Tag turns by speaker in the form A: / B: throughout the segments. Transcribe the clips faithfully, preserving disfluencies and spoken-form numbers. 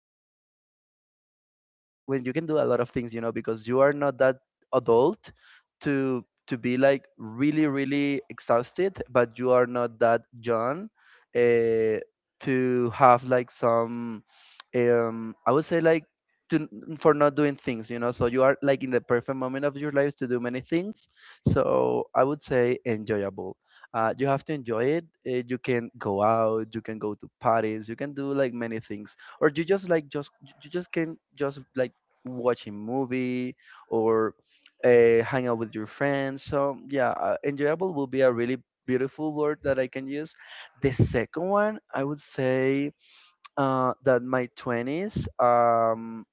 A: this moment where you ha- wh- when you can do a lot of things, you know, because you are not that adult to to be like really really exhausted, but you are not that young uh, to have like some, um I would say like, to for not doing things, you know. So you are like in the perfect moment of your life to do many things. So I would say enjoyable. Uh, you have to enjoy it. Uh, you can go out, you can go to parties, you can do like many things, or you just like just you you just can just like watch a movie, or uh, hang out with your friends. So yeah, uh, enjoyable will be a really beautiful word that I can use. The second one, I would say, uh, that my twenties, um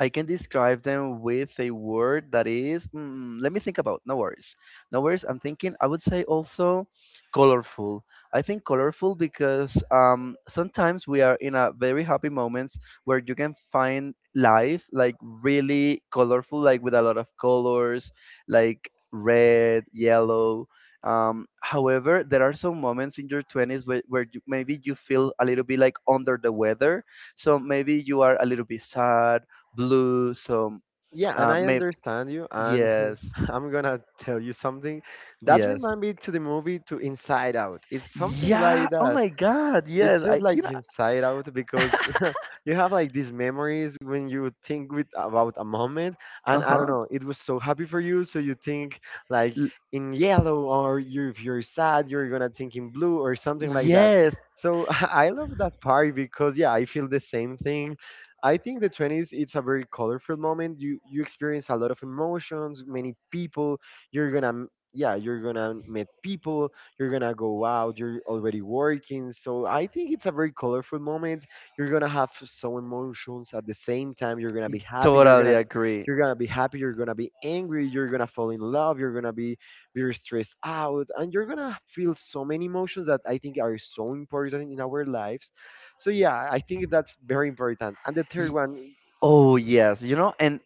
A: I can describe them with a word that is, mm, let me think about. No worries. No worries, I'm thinking. I would say also colorful. I think colorful because, um, sometimes we are in a very happy moments where you can find life like really colorful, like with a lot of colors, like red, yellow. Um, however, there are some moments in your twenties where, where you, maybe you feel a little bit like under the weather. So maybe you are a little bit sad, blue. So
B: Yeah, and
A: uh,
B: I
A: maybe,
B: understand you, and
A: yes,
B: I'm gonna tell you something that
A: yes,
B: remind me to the movie to Inside Out. It's something
A: yeah.
B: like
A: Oh
B: that.
A: my God, yes.
B: It's just
A: I you
B: like
A: know
B: Inside Out because you have like these memories when you think with about a moment,
A: Uh
B: and I don't
A: huh.
B: know, it was so happy for you, so you think like in yellow, or you if you're sad, you're gonna think in blue or something like that.
A: Yes,
B: So I love that part because yeah, I feel the same thing. I think the twenties it's a very colorful moment. You you experience a lot of emotions, many people. You're gonna m- yeah, you're gonna meet people. You're gonna go out. You're already working. So I think it's a very colorful moment you're gonna have some emotions at the same time. You're gonna
A: I
B: be happy. You're
A: totally
B: gonna be,
A: agree.
B: you're gonna be happy. You're gonna be angry. You're gonna fall in love. You're gonna be very stressed out, and you're gonna feel so many emotions that I think are so important in our lives. So yeah, I think that's very important. And the third
A: Y-
B: one.
A: Oh yes, you know, and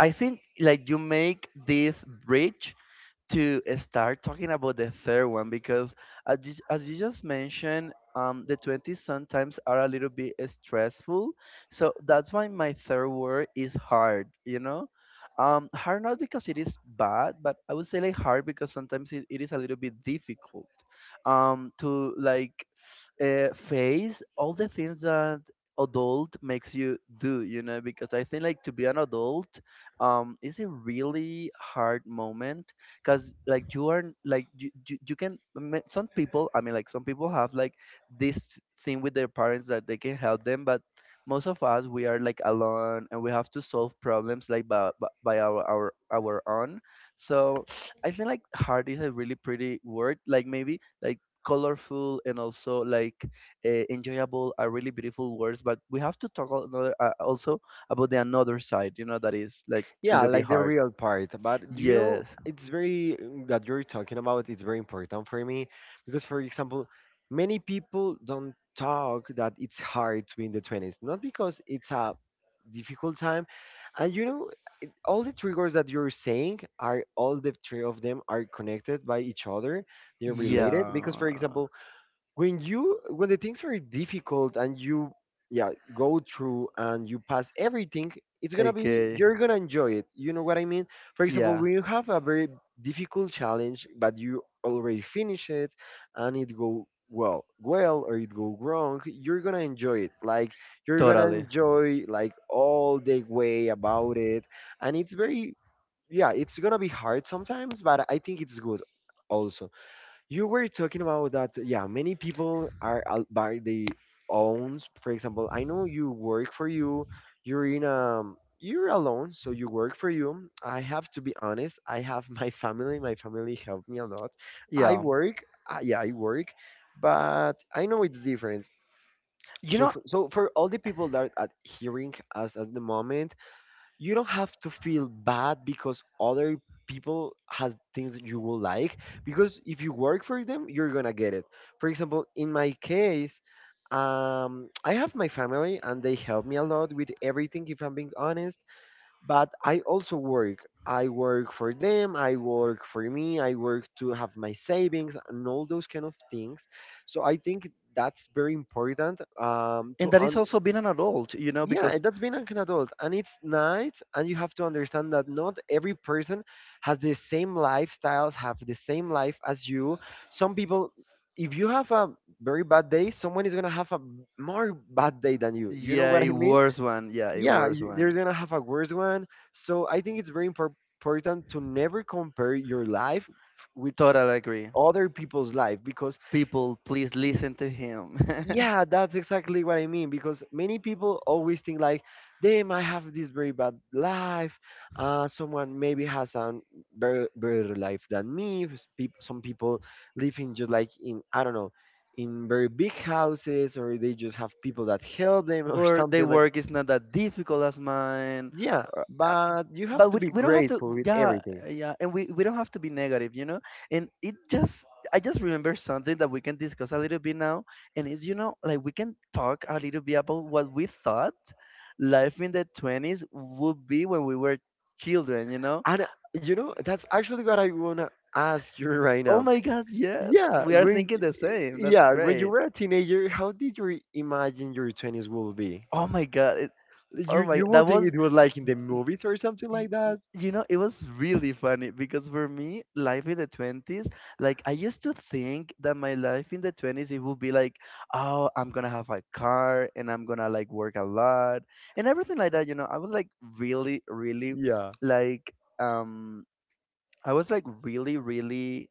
A: I think like you make this bridge to start talking about the third one because, as you, as you just mentioned, um, the twenties sometimes are a little bit stressful. So that's why my third word is hard, you know. Um, hard, not because it is bad, but I would say like hard because sometimes it, it is a little bit difficult um, to like uh, face all the things that adult makes you do, you know. Because I think like to be an adult um, is a really hard moment, because like you are like you, you, you can ma- some people, I mean, like some people have like this thing with their parents that they can help them, but most of us, we are like alone and we have to solve problems like by, by by our our our own. So I think like hard is a really pretty word. Like maybe like colorful and also like uh, enjoyable are really beautiful words, but we have to talk al- another, uh, also about the another side, you know, that is like a
B: Yeah,
A: little bit
B: like the
A: hard.
B: real part. But do you know,
A: Yes.
B: it's very mm, that you're talking about. It's very important for me because, for example, many people don't talk that it's hard to be in the twenties. Not because it's a difficult time, and you know, all the triggers that you're saying are all the three of them are connected by each other. They're related because, for
A: Yeah.
B: example, when you when the things are difficult and you yeah go through and you pass everything, it's gonna be,
A: Okay.
B: you're gonna enjoy it, you know what I mean? For example,
A: Yeah.
B: when you have a very difficult challenge but you already finish it and it go well well or it go wrong, you're gonna enjoy it, like you're gonna
A: Totally.
B: enjoy like all the way about it, and it's very yeah, it's gonna be hard sometimes, but I think it's good also. You were talking about that, yeah, many people are out by the owns. For example, I know you work for you, you're in um you're alone, so you work for you. I have to be honest, I have my family, my family helped me a lot. I
A: Yeah.
B: work, uh, yeah, I work, but I know it's different.
A: You
B: So,
A: know,
B: f- so for all the people that are hearing us at the moment, you don't have to feel bad because other people has things that you will like, because if you work for them, you're gonna get it. For example, in my case, um I have my family and they help me a lot with everything, if I'm being honest. But I also work. I work for them, I work for me, I work to have my savings and all those kind of things. So I think that's very important. Um
A: and
B: to
A: that is
B: un-
A: also being an adult, you know,
B: yeah,
A: because
B: that's being like an adult, and it's nice, and you have to understand that not every person has the same lifestyles, have the same life as you. Some people, if you have a very bad day, someone is going to have a more bad day than you, you know
A: yeah,
B: what
A: it
B: I mean?
A: worse one. Yeah, it
B: Yeah,
A: worse
B: you, they're
A: one.
B: going to have a worse one. So I think it's very impor- important to never compare your life with
A: Totally agree.
B: other people's life. Because
A: People, please listen to him.
B: yeah, that's exactly what I mean, because many people always think like they might have this very bad life. Uh, someone maybe has a very better life than me. s- peop- Some people live in just like in I don't know, in very big houses, or they just have people that help them or
A: Or their
B: something like.
A: work is not that difficult as mine.
B: Yeah,
A: Or, uh,
B: but you have
A: but
B: to
A: we,
B: be
A: we don't have to,
B: grateful with
A: yeah,
B: everything.
A: yeah. And we, we don't have to be negative, you know. And it just, I just remember something that we can discuss a little bit now. And it's you know like we can talk a little bit about what we thought life in the twenties would be when we were children, you know.
B: And uh, you know, that's actually what I wanna ask you right
A: Oh
B: now.
A: my God, yes,
B: Yeah,
A: we are
B: when
A: thinking the same. That's
B: yeah, when you
A: great.
B: were a teenager, how did you imagine your twenties will be?
A: Oh my god it, oh
B: You
A: my
B: you will
A: that
B: think
A: was
B: it was like in the movies or something
A: Y-
B: like
A: n-
B: that?
A: You know, it was really funny because for me, life in the twenties, like I used to think that my life in the twenties, it would be like, oh, I'm gonna have a car and I'm gonna like work a lot and everything like that. You know, I was like really, really
B: Yeah.
A: like, um, I was like really, really,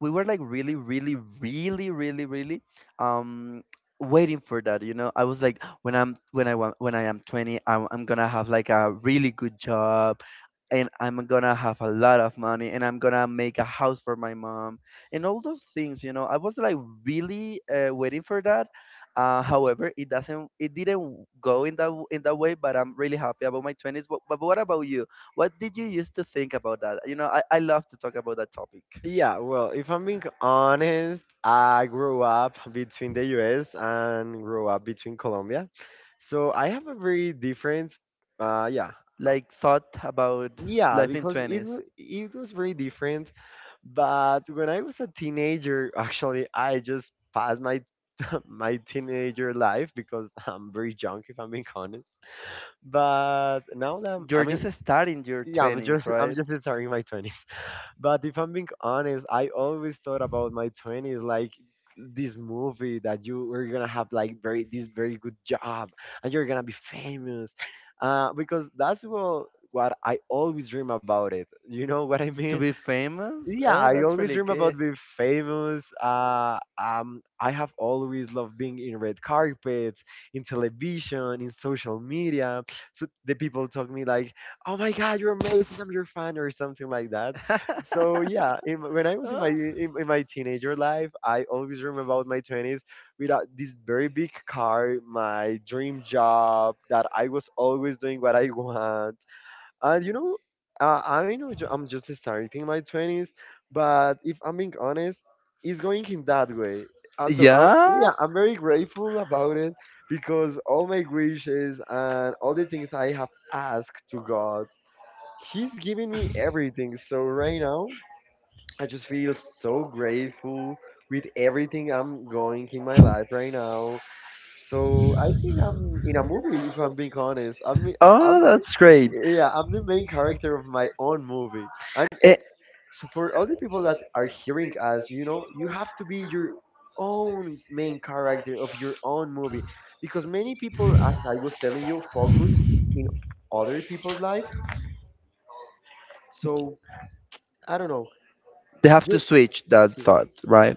A: we were like really, really, really, really, really, um, waiting for that, you know. I was like, when i'm when i want when I am twenty, i'm, I'm gonna have like a really good job and I'm gonna have a lot of money and I'm gonna make a house for my mom and all those things, you know. I was like really uh, waiting for that. Uh, however, it doesn't, it didn't go in that in that way. But I'm really happy about my twenties. But, but what about you? What did you used to think about that? You know, I, I love to talk about that topic.
B: Yeah, well, if I'm being honest, I grew up between the U S and grew up between Colombia. So I have a very different uh yeah.
A: Like thought about
B: Yeah,
A: life in
B: because it wa-
A: twenties.
B: it was very different. But when I was a teenager, actually, I just passed my my teenager life because I'm very young, if I'm being honest. But now that I'm, I
A: You're
B: mean,
A: just starting your
B: yeah, I'm
A: twenties,
B: just I'm
A: right?
B: just starting my twenties. But if I'm being honest, I always thought about my twenties like this movie that you were gonna have like very this very good job and you're gonna be famous, uh, because that's what what I always dream about it. You know what I mean?
A: To be famous?
B: Yeah,
A: Oh,
B: I
A: that's
B: always
A: really
B: dream about
A: good.
B: being famous. Uh, um, I have always loved being in red carpets, in television, in social media. So the people talk me like, "Oh my God, you're amazing! I'm your fan," or something like that. So yeah, in, when I was in my
A: Uh,
B: in, in my teenager life, I always dream about my twenties without this very big car, my dream job, that I was always doing what I want. And you know, uh, I know ju- I'm just starting my twenties, but if I'm being honest, it's going in that way. Uh, so I'm, yeah,
A: yeah.
B: I'm very grateful about it, because all my wishes and all the things I have asked to God, He's giving me everything. So right now, I just feel so grateful with everything I'm going in my life right now. So I think I'm in a movie. If I'm being honest, I'm
A: Oh,
B: I'm
A: that's great.
B: yeah, I'm the main character of my own movie. And eh,
A: It,
B: so for all the people that are hearing us, you know, you have to be your own main character of your own movie, because many people, as I was telling you, focus in other people's life. So I don't know.
A: they have to
B: Just
A: switch that
B: see,
A: thought, right?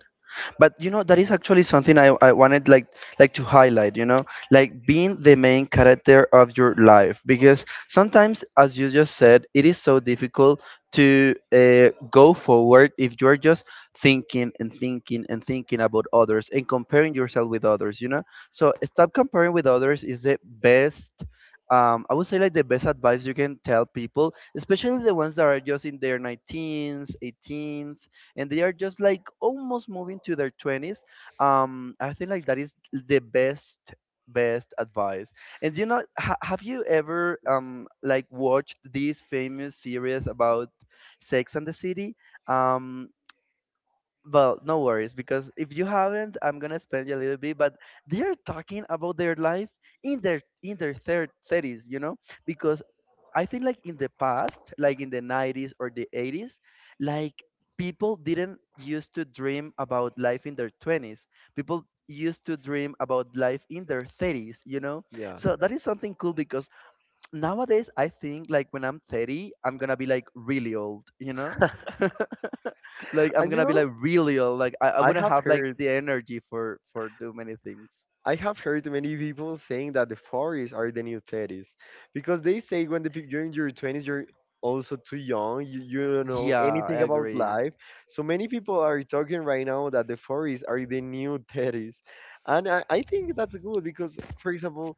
A: But you know, that is actually something I, I wanted like like to highlight, you know. Like being the main character of your life, because sometimes, as you just said, it is so difficult to uh, go forward if you're just thinking and thinking and thinking about others and comparing yourself with others, you know. So stop comparing with others is the best, um, I would say like, the best advice you can tell people, especially the ones that are just in their nineteens, eighteens, and they are just like almost moving to their twenties. Um, I think like that is the best best advice. And you know, ha- have you ever um like watched this famous series about Sex and the City? Um, well, no worries, because if you haven't, I'm gonna explain you a little bit. But they are talking about their life in their in their third thirties, you know, because I think like in the past, like in the nineties or the eighties, like people didn't used to dream about life in their twenties. People used to dream about life in their thirties, you know?
B: yeah.
A: So that is something cool, because nowadays, I think like when I'm thirty, I'm going to be like really old, you know? Like I'm
B: And
A: going
B: you
A: to be
B: know,
A: like really old. Like I, I
B: I
A: wouldn't
B: have
A: have like
B: heard.
A: the energy for for do many things.
B: I have heard many people saying that the forties are the new thirties, because they say when the peop- you're in your twenties, you're also too young, you, you don't know
A: Yeah,
B: anything
A: I
B: about
A: agree.
B: life. So many people are talking right now that the forties are the new thirties. And I, I think that's good because, for example,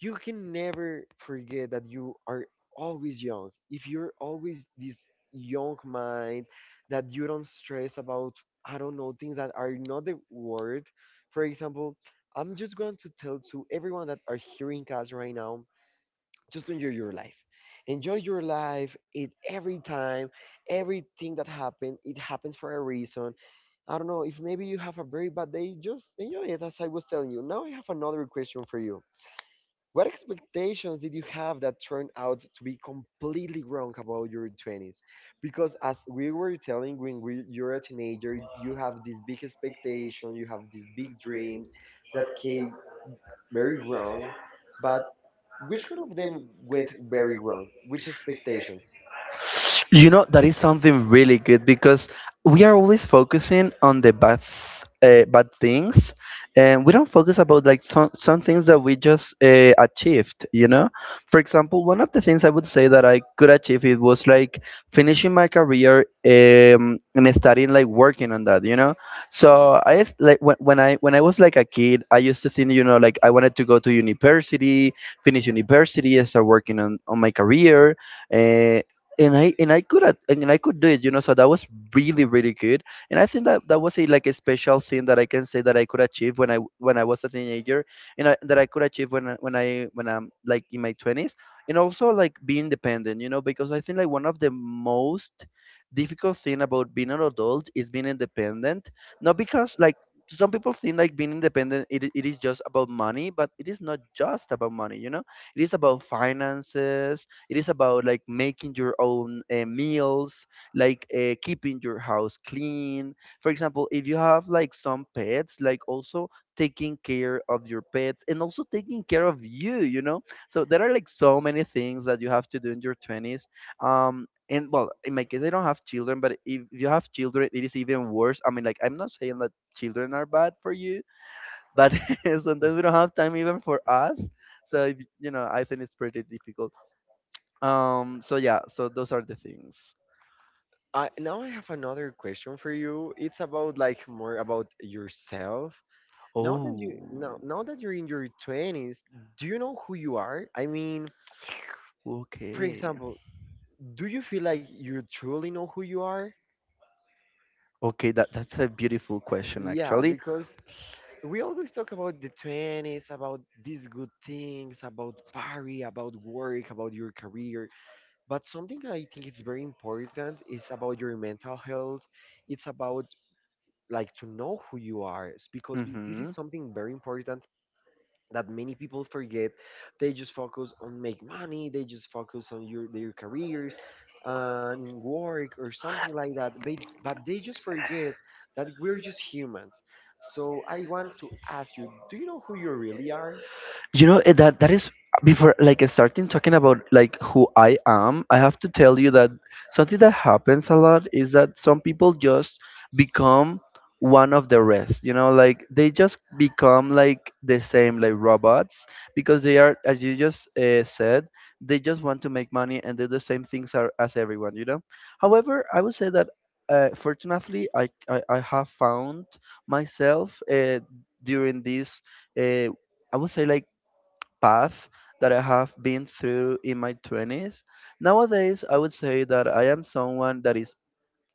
B: you can never forget that you are always young. If you're always this young mind that you don't stress about, I don't know, things that are not the word. For example, I'm just going to tell to everyone that are hearing us right now, just enjoy your life. Enjoy your life. It every time, everything that happened, it happens for a reason. I don't know, if maybe you have a very bad day, just enjoy it. As I was telling you, now I have another question for you: what expectations did you have that turned out to be completely wrong about your twenties? Because as we were telling when we, you're a teenager, you have this big expectation, you have these big dreams that came very wrong. But which one of them went very wrong? Which expectations?
A: You know, that is something really good, because we are always focusing on the bad, uh, bad things, and we don't focus about like some, some things that we just uh, achieved, you know? For example, one of the things I would say that I could achieve it was like finishing my career, um, and starting like working on that, you know? So I s- like when, when I when I was like a kid, I used to think, you know, like I wanted to go to university, finish university, start working on, on my career. uh, and I and I could at- and I could do it, you know. So that was really really good. And I think that that was a like a special thing that I can say that I could achieve when I w- when I was a teenager, and I, that I could achieve when I- when I when I'm like in my twenties. And also, like, be independent, you know, because I think like one of the most difficult thing about being an adult is being independent. Not because like, some people think like being independent, it, i- it is just about money, but it is not just about money, you know. It is about finances, it is about like making your own uh, meals, like uh, keeping your house clean. For example, if you have like some pets, like also taking care of your pets and also taking care of you, you know? So there are like so many things that you have to do in your twenties. Um, and well, in my case, I don't have children, but if you have children, it is even worse. I mean, like, I'm not saying that children are bad for you, but sometimes we don't have time even for us. So, if, you know, I think it's pretty difficult. Um, so yeah, so those are the things.
B: I now I have another question for you. It's about like more about yourself. Now that you now
A: Oh,
B: now that you're in your twenties, do you know who you are? I mean, for
A: okay.
B: example, do you feel like you truly know who you are?
A: Okay, that that's a beautiful question,
B: Yeah,
A: actually.
B: because we always talk about the twenties, about these good things, about party, about work, about your career. But something I think is very important is about your mental health. It's about, like, to know who you are s- because this this
A: Mm-hmm.
B: is something very important that many people forget. They just focus on make money. They just focus on your their careers and in work or something like that, but, but they just forget that we're just humans. So I want to ask you, do you know who you really are?
A: You know, eh, that that is, before like eh, starting talking about like who I am, I have to tell you that something that happens a lot is that some people just become one of the rest. You know, like they just become like the same like robots because they are, as you just uh, said, they just want to make money and do the same things ar- as everyone. You know. However, I would say that Uh, fortunately, I, I, I have found myself uh, during this uh, I would say like path that I have been through in my twenties. Nowadays, I would say that I am someone that is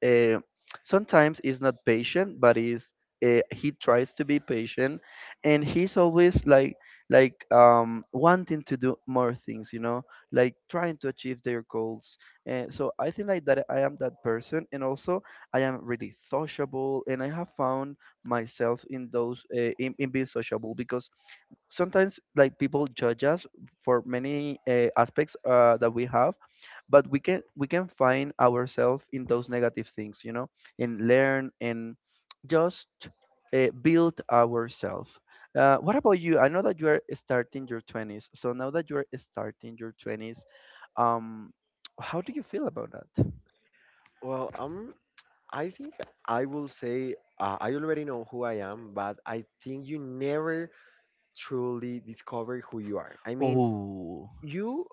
A: uh, sometimes is not patient, but is uh, he tries to be patient, and he's always like like um, wanting to do more things, you know, like trying to achieve their goals. Uh, so I think like that I am that person, and also I am really sociable, and I have found myself in those uh, in, in being sociable because sometimes like people judge us for many uh, aspects uh, that we have, but we can we can find ourselves in those negative things, you know, and learn and just uh, build ourselves. Uh, what about you? I know that you are starting your twenties, so now that you are starting your twenties, um how do you feel about that?
B: Well, um I think I will say uh, I already know who I am, but I think you never truly discover who you are. I mean,
A: Oh.
B: you,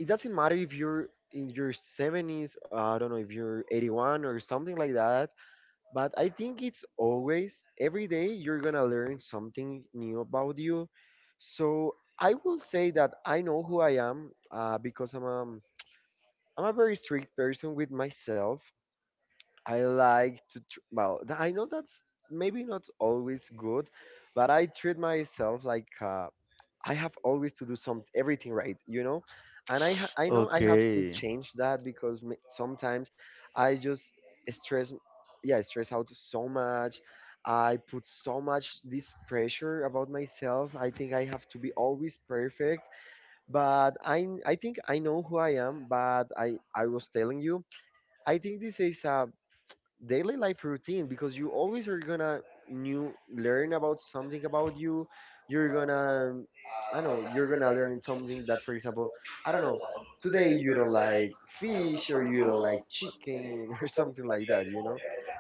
B: it doesn't matter if you're in your seventies, I don't know, if you're eighty-one or something like that, but I think it's always every day you're gonna learn something new about you. So I will say that I know who I am, uh, because i'm a, I'm a very strict person with myself. I like to tr- well th- I know that's maybe not always good, but I treat myself like, uh, I have always to do some everything right, you know, and I ha- I know I have to
A: Okay.
B: change that because m- sometimes I just stress, yeah, I stress out so much. I put so much this pressure about myself. I think I have to be always perfect, but I I think I know who I am. But I I was telling you, I think this is a daily life routine because you always are gonna new learn about something about you. You're gonna, I don't know, you're gonna learn something that, for example, I don't know, today you don't like fish or you don't like chicken or something like that, you know.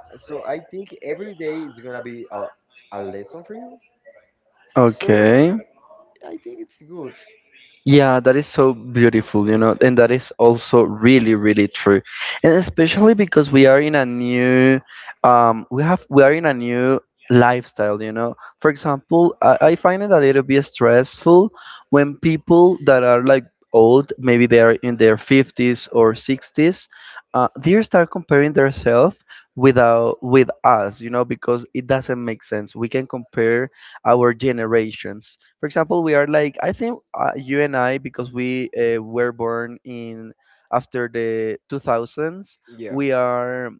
B: So I think every day it's gonna be a, a lesson for you. So
A: Okay.
B: I think it's good.
A: Yeah, that is so beautiful, you know, and that is also really, really true. And especially because we are in a new, um, we have, we are in a new lifestyle, you know. For example, I, I find it a little bit stressful when people that are like old, maybe they are in their fifties or sixties, uh, they start comparing themselves with, our, with us, you know, because it doesn't make sense. We can compare our generations. For example, we are like I think uh, you and I, because we uh, were born in after the two thousands.
B: Yeah.
A: We are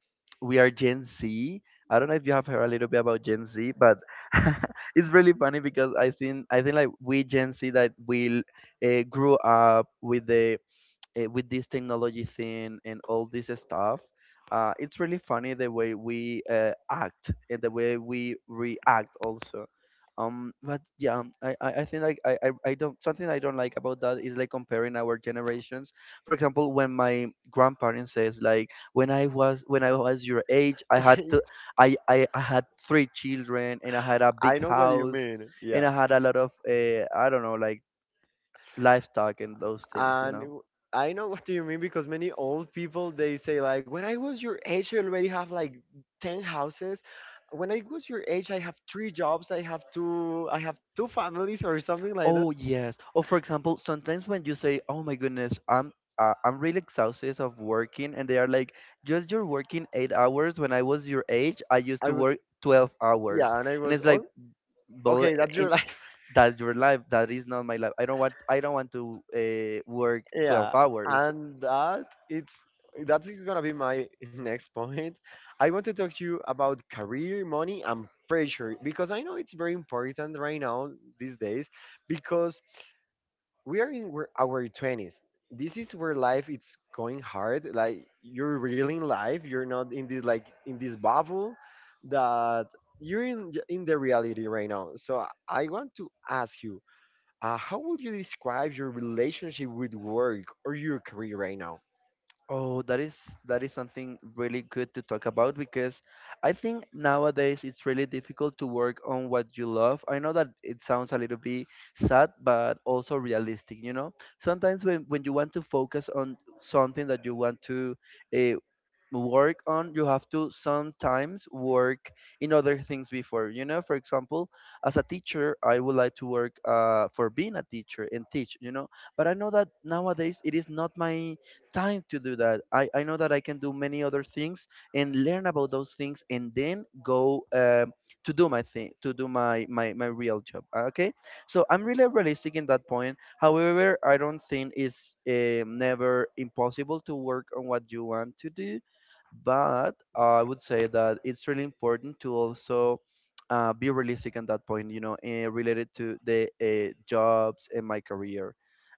A: we are Gen Z. I don't know if you have heard a little bit about Gen Z, but it's really funny because I think I think like we Gen Z that we uh, grew up with the eh, with this technology thing and all this stuff, uh, it's really funny the way we uh, act and the way we react also. Um, but yeah, um, I, I I think like I, I, I don't, something I don't like about that is like comparing our generations. For example, when my grandparents says like, when I was, when I was your age, I had to, I, I I had three children and I had a
B: I
A: big
B: know what you
A: house
B: mean.
A: and
B: Yeah.
A: I had a lot of uh, I don't know like livestock and those things, you
B: and
A: know.
B: w- I know what do you mean, because many old people, they say like when I was your age I already have like ten houses. When I was your age I have three jobs, I have two I have two families or something like that.
A: Oh yes. Or for example, sometimes when you say, "Oh my goodness, I'm uh, I'm really exhausted of working," and they are like, "Just you're working eight hours. When I was your age, I used
B: I
A: to
B: was,
A: work twelve hours,"
B: yeah, and I
A: and
B: was,
A: it's like,
B: oh,
A: "Well,
B: okay, that's
A: in,
B: your life.
A: that's your life. That is not my life. I don't want, I don't want to uh, work
B: Yeah.
A: twelve hours."
B: And that, it's, that's gonna be my next point. I want to talk to you about career, money, and pressure, because I know it's very important right now these days, because we are in we're- our twenties, this is where life it's going hard. Like you're really in life, you're not in this, like in this bubble that you're in j- in the reality right now. So i I want to ask you, uh, how would you describe your relationship with work or your career right now?
A: Oh, that is, that is something really good to talk about, because I think nowadays it's really difficult to work on what you love. I know that it sounds a little bit sad, but also realistic, you know. Sometimes when, when you want to focus on something that you want to uh, work on, you have to sometimes work in other things before, you know. For example, as a teacher, I would like to work uh, for being a teacher and teach, you know. But I know that nowadays it is not my time to do that. i, I know that I can do many other things and learn about those things and then go um, to do my thing, to do my, my my real job. Okay, so I'm really realistic in that point. However, I don't think it's um never impossible to work on what you want to do, but I would say that it's really important to also uh, be realistic at that point, you know, uh, related to the uh, jobs and my career.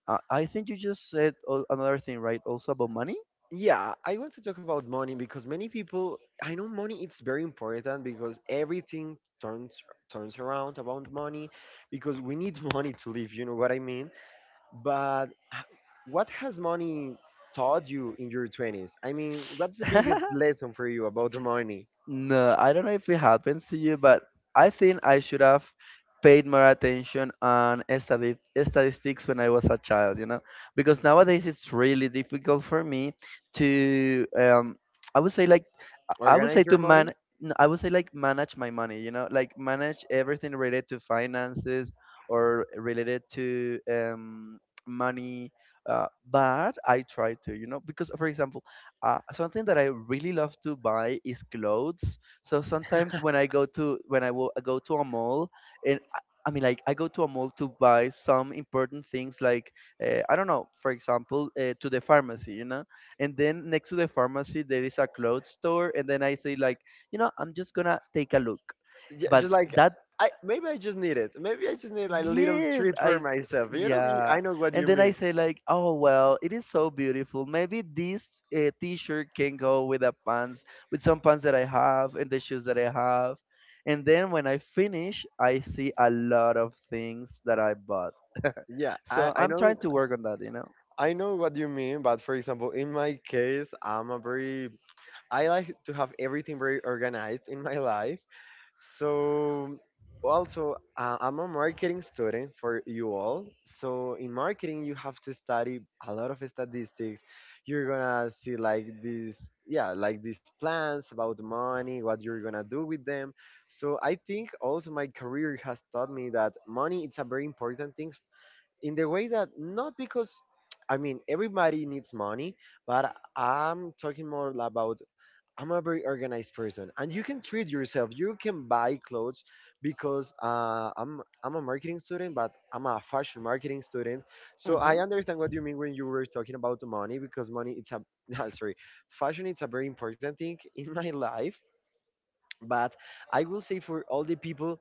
A: Uh, I think you just said al- another thing, right? Also about money?
B: Yeah, I want to talk about money because many people, I know money it's very important because everything turns turns around about money, because we need money to live, you know what I mean? But h- what has money taught you in your twenties? I mean, what's the biggest lesson for you about the money?
A: No, I don't know if it happens to you, but I think I should have paid more attention on stati- statistics when I was a child, you know, because nowadays it's really difficult for me to, um, I would say, like, I would
B: Organize
A: say
B: your
A: to
B: money?
A: man, no, I would say like manage my money, you know, like manage everything related to finances or related to um, money. Uh, but I try to, you know, because for example, uh, something that I really love to buy is clothes. So sometimes when I go to, when I will go to a mall, and I I mean, like I go to a mall to buy some important things, like uh, I don't know, for example, uh, to the pharmacy, you know, and then next to the pharmacy there is a clothes store, and then I say like, you know, I'm just gonna take a look,
B: Ju-
A: but
B: Just like,
A: that,
B: I maybe I just need it. Maybe I just need like a little
A: yes
B: treat for
A: I,
B: myself. You know,
A: yeah.
B: I know what
A: And
B: you
A: then I
B: mean.
A: say like, oh well, it is so beautiful, maybe this uh, t-shirt can go with the pants, with some pants that I have and the shoes that I have. And then when I finish, I see a lot of things that I bought,
B: Yeah, I,
A: so
B: I
A: I'm
B: know,
A: trying to work on that, you know.
B: I know what you mean, but for example, in my case, I'm a very, I like to have everything very organized in my life. So also, uh, I'm a marketing student for you all. So in marketing, you have to study a lot of statistics. You're gonna see like these, yeah, like these plans about money, what you're gonna do with them. So I think also my career has taught me that money it's a very important thing in the way that not because, I mean, everybody needs money, but I'm talking more about, I'm a very organized person, and you can treat yourself. You can buy clothes because, uh, I'm I'm a marketing student, but I'm a fashion marketing student. So I
A: Mm-hmm.
B: understand what you mean when you were talking about the money, because money it's a sorry, fashion it's a very important thing in my life. But I will say for all the people,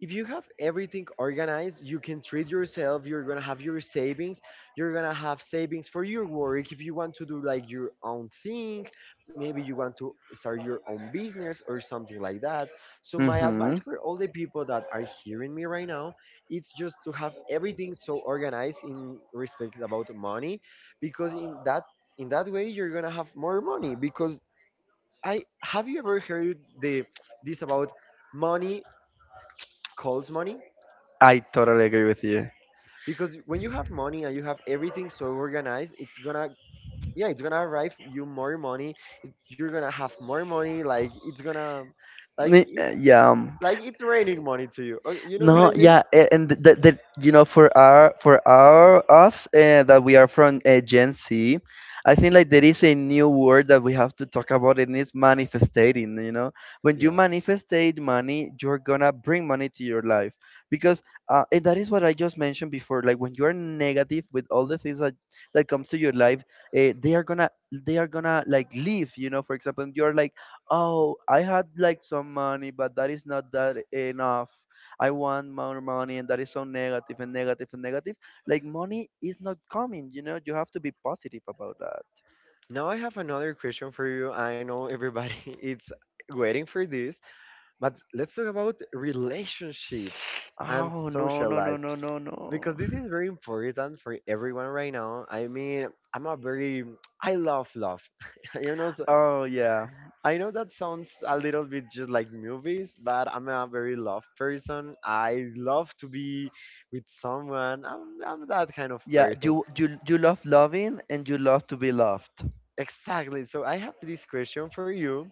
B: if you have everything organized, you can treat yourself. You're gonna have your savings. You're gonna have savings for your work. If you want to do like your own thing, maybe you want to start your own business or something like that. So my advice
A: Mm-hmm.
B: for all the people that are hearing me right now, it's just to have everything so organized in respect about money, because in that in that way you're gonna have more money. Because I have, you ever heard the, this about money calls money?
A: I totally agree with you.
B: Because when you have money and you have everything so organized, it's gonna, yeah, it's gonna arrive you more money. it- You're gonna have more money. Like it's gonna, like
A: Ni-
B: it,
A: uh, yeah um,
B: like it's raining money to you. Okay, you know what I
A: No,
B: mean?
A: yeah, a- and the, the you know, for our, for our us uh, that we are from uh, Gen Z, I think like there is a new word that we have to talk about, and it's manifesting. You know, when you
B: Yeah.
A: manifestate money, you're gonna bring money to your life, because uh, and that is what I just mentioned before. Like, when you are negative with all the things that, that comes to your life, uh, they are gonna they are gonna like leave. You know, for example, you're like, oh, I had like some money, but that is not that enough, I want more money, and that is so negative and negative and negative. Like, money is not coming, you know. You have to be positive about that.
B: Now I have another question for you. I know everybody is waiting for this, but let's talk about relationships and
A: Oh no
B: social
A: no no
B: life.
A: no no
B: Because
A: no.
B: this is very important for everyone right now. I mean, I'm a very, I love love. You know, th-
A: Oh yeah,
B: I know that sounds a little bit just like movies, but I'm a very love person. I love to be with someone. I'm I'm that kind of
A: yeah.
B: person.
A: You you you love loving and you love to be loved.
B: Exactly. So I have this question for you.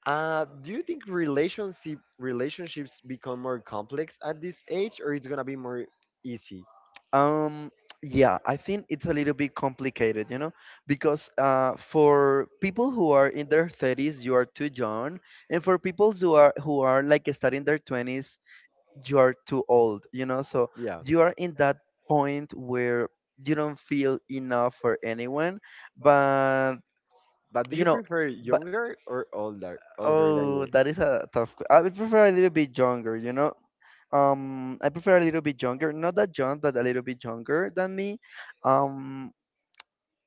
B: Uh, do you think relationship relationships become more complex at this age, or it's gonna be more easy?
A: Um yeah, I think it's a little bit complicated, you know, because uh, for people who are in their thirties, you are too young, and for people who are who are like starting their twenties, you are too old, you know? So
B: Yeah.
A: you are in that point where you don't feel enough for anyone, but
B: But do
A: you
B: you
A: know,
B: prefer
A: but
B: younger or older? Older than
A: oh,
B: you?
A: that is a tough. que- I would prefer a little bit younger, you know? Um, I prefer a little bit younger, not that young, but a little bit younger than me. Um,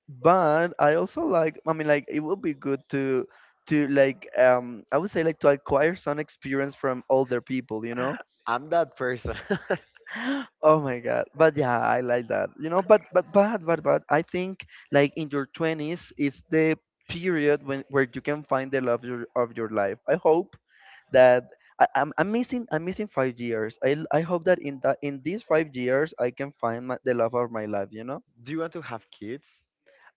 A: but I also like, I mean, like it would be good to to like um I would say like to acquire some experience from older people, you know?
B: I'm that person.
A: Oh my god. But yeah, I like that. You know, but but but but but I think like in your twenties is the period when where you can find the love your, of your life. I hope that I, I'm, I'm missing, I'm missing five years. I l- I hope that in that, in these five years I can find my, the love of my life. You know.
B: Do you want to have kids?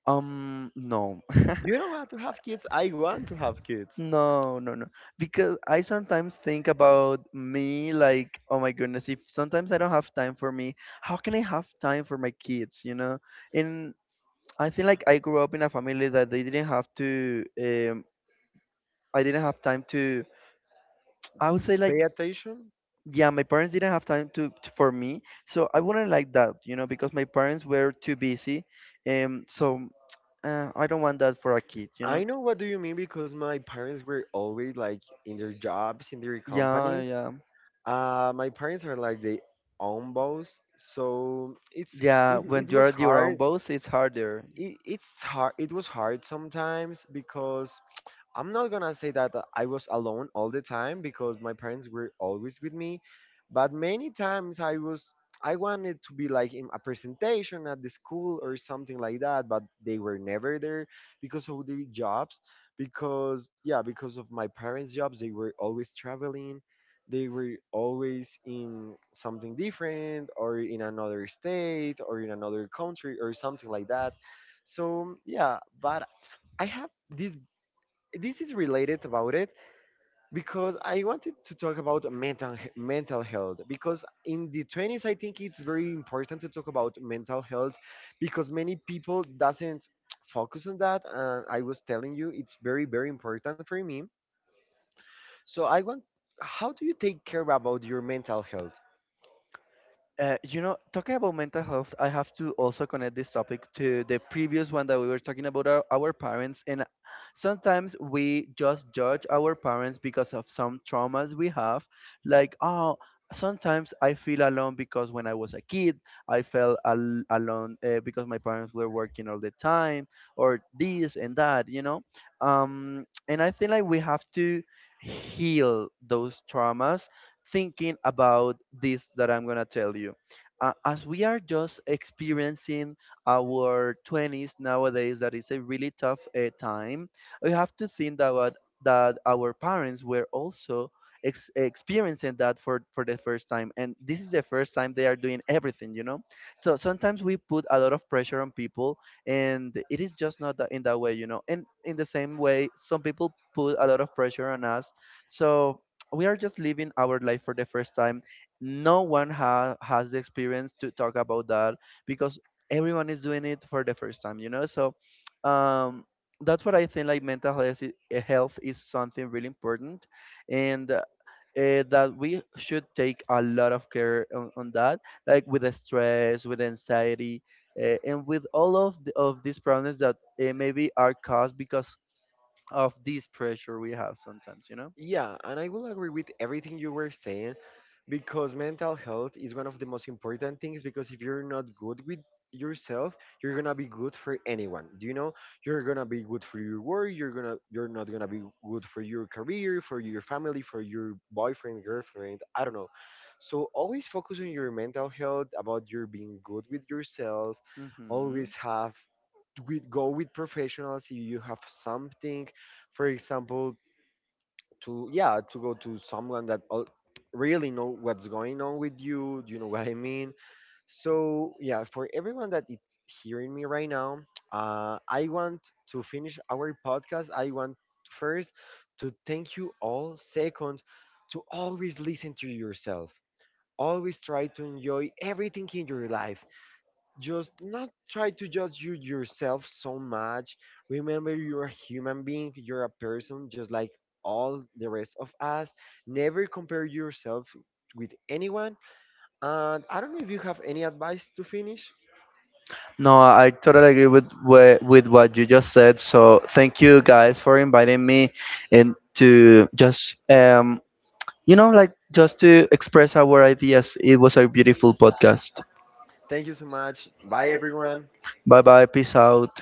A: Um. No.
B: You don't want to have kids. I want to have kids.
A: No, no, no. Because I sometimes think about me like, oh my goodness, if sometimes I don't have time for me, how can I have time for my kids, you know? And I feel like I grew up in a family that they didn't have to, um, I didn't have time to, I would say like,
B: Pay attention.
A: yeah, my parents didn't have time to, to for me. So I wouldn't like that, you know, because my parents were too busy. Um, so uh, I don't want that for a kid, you
B: I
A: know?
B: know what do you mean, because my parents were always like in their jobs, in their
A: Yeah,
B: companies.
A: yeah.
B: Uh, my parents are like they own boss, so it's,
A: Yeah,
B: it,
A: when
B: it
A: you
B: was
A: are your own
B: hard,
A: boss, it's harder.
B: it, it's hard, it was hard sometimes because I'm not gonna say that uh, I was alone all the time because my parents were always with me, but many times I was, I wanted to be like in a presentation at the school or something like that, but they were never there because of their jobs. Because, yeah, because of my parents jobs they were always traveling. They were always in something different or in another state or in another country or something like that. So yeah, but I have this. This is related about it, because I wanted to talk about mental he- mental health, because in the twenties I think it's very important to talk about mental health because many people doesn't focus on that, and I was telling you, it's very, very important for me. So I want, how do you take care about your mental health?
A: Uh, you know, talking about mental health, I have to also connect this topic to the previous one that we were talking about, our, our parents. And sometimes we just judge our parents because of some traumas we have. Like, oh, sometimes I feel alone because when I was a kid, I felt al- alone uh, because my parents were working all the time, or this and that, you know? Um, and I feel like we have to heal those traumas, thinking about this that I'm going to tell you. Uh, as we are just experiencing our twenties nowadays, that is a really tough uh, time, we have to think about that our parents were also ex- experiencing that for, for the first time. And this is the first time they are doing everything, you know? So sometimes we put a lot of pressure on people, and it is just not that in that way, you know? And in the same way, some people put a lot of pressure on us. So we are just living our life for the first time. No one ha- has the experience to talk about that because everyone is doing it for the first time, you know? So um, that's what I think like mental health is, eh, health is something really important, and uh, eh, that we should take a lot of care on, on that, like with the stress, with anxiety, uh, and with all of, the, of these problems that uh, maybe are caused because of this pressure we have sometimes, you know?
B: Yeah, and I will agree with everything you were saying because mental health is one of the most important things. Because if you're not good with yourself, you're gonna be good for anyone. Do you know? You're gonna be good for your work, you're gonna, you're not gonna be good for your career, for your family, for your boyfriend, girlfriend, I don't know. So always focus on your mental health, about your being good with yourself.
A: Hmm.
B: Always have, with, go with professionals if you have something, for example, to, yeah, to go to someone that al- really know what's going on with you, you know what I mean. So yeah, for everyone that is hearing me right now, uh, I want to finish our podcast. I want, first, to thank you all. Second, to always listen to yourself, always try to enjoy everything in your life, just not try to judge you yourself so much. Remember, you're a human being, you're a person just like all the rest of us. Never compare yourself with anyone. And I don't know if you have any advice to finish.
A: No, I totally agree with wha- with what you just said. So thank you guys for inviting me and to just um you know, like just to express our ideas. It was a beautiful podcast.
B: Thank you so much. Bye, everyone.
A: Bye bye. Peace out.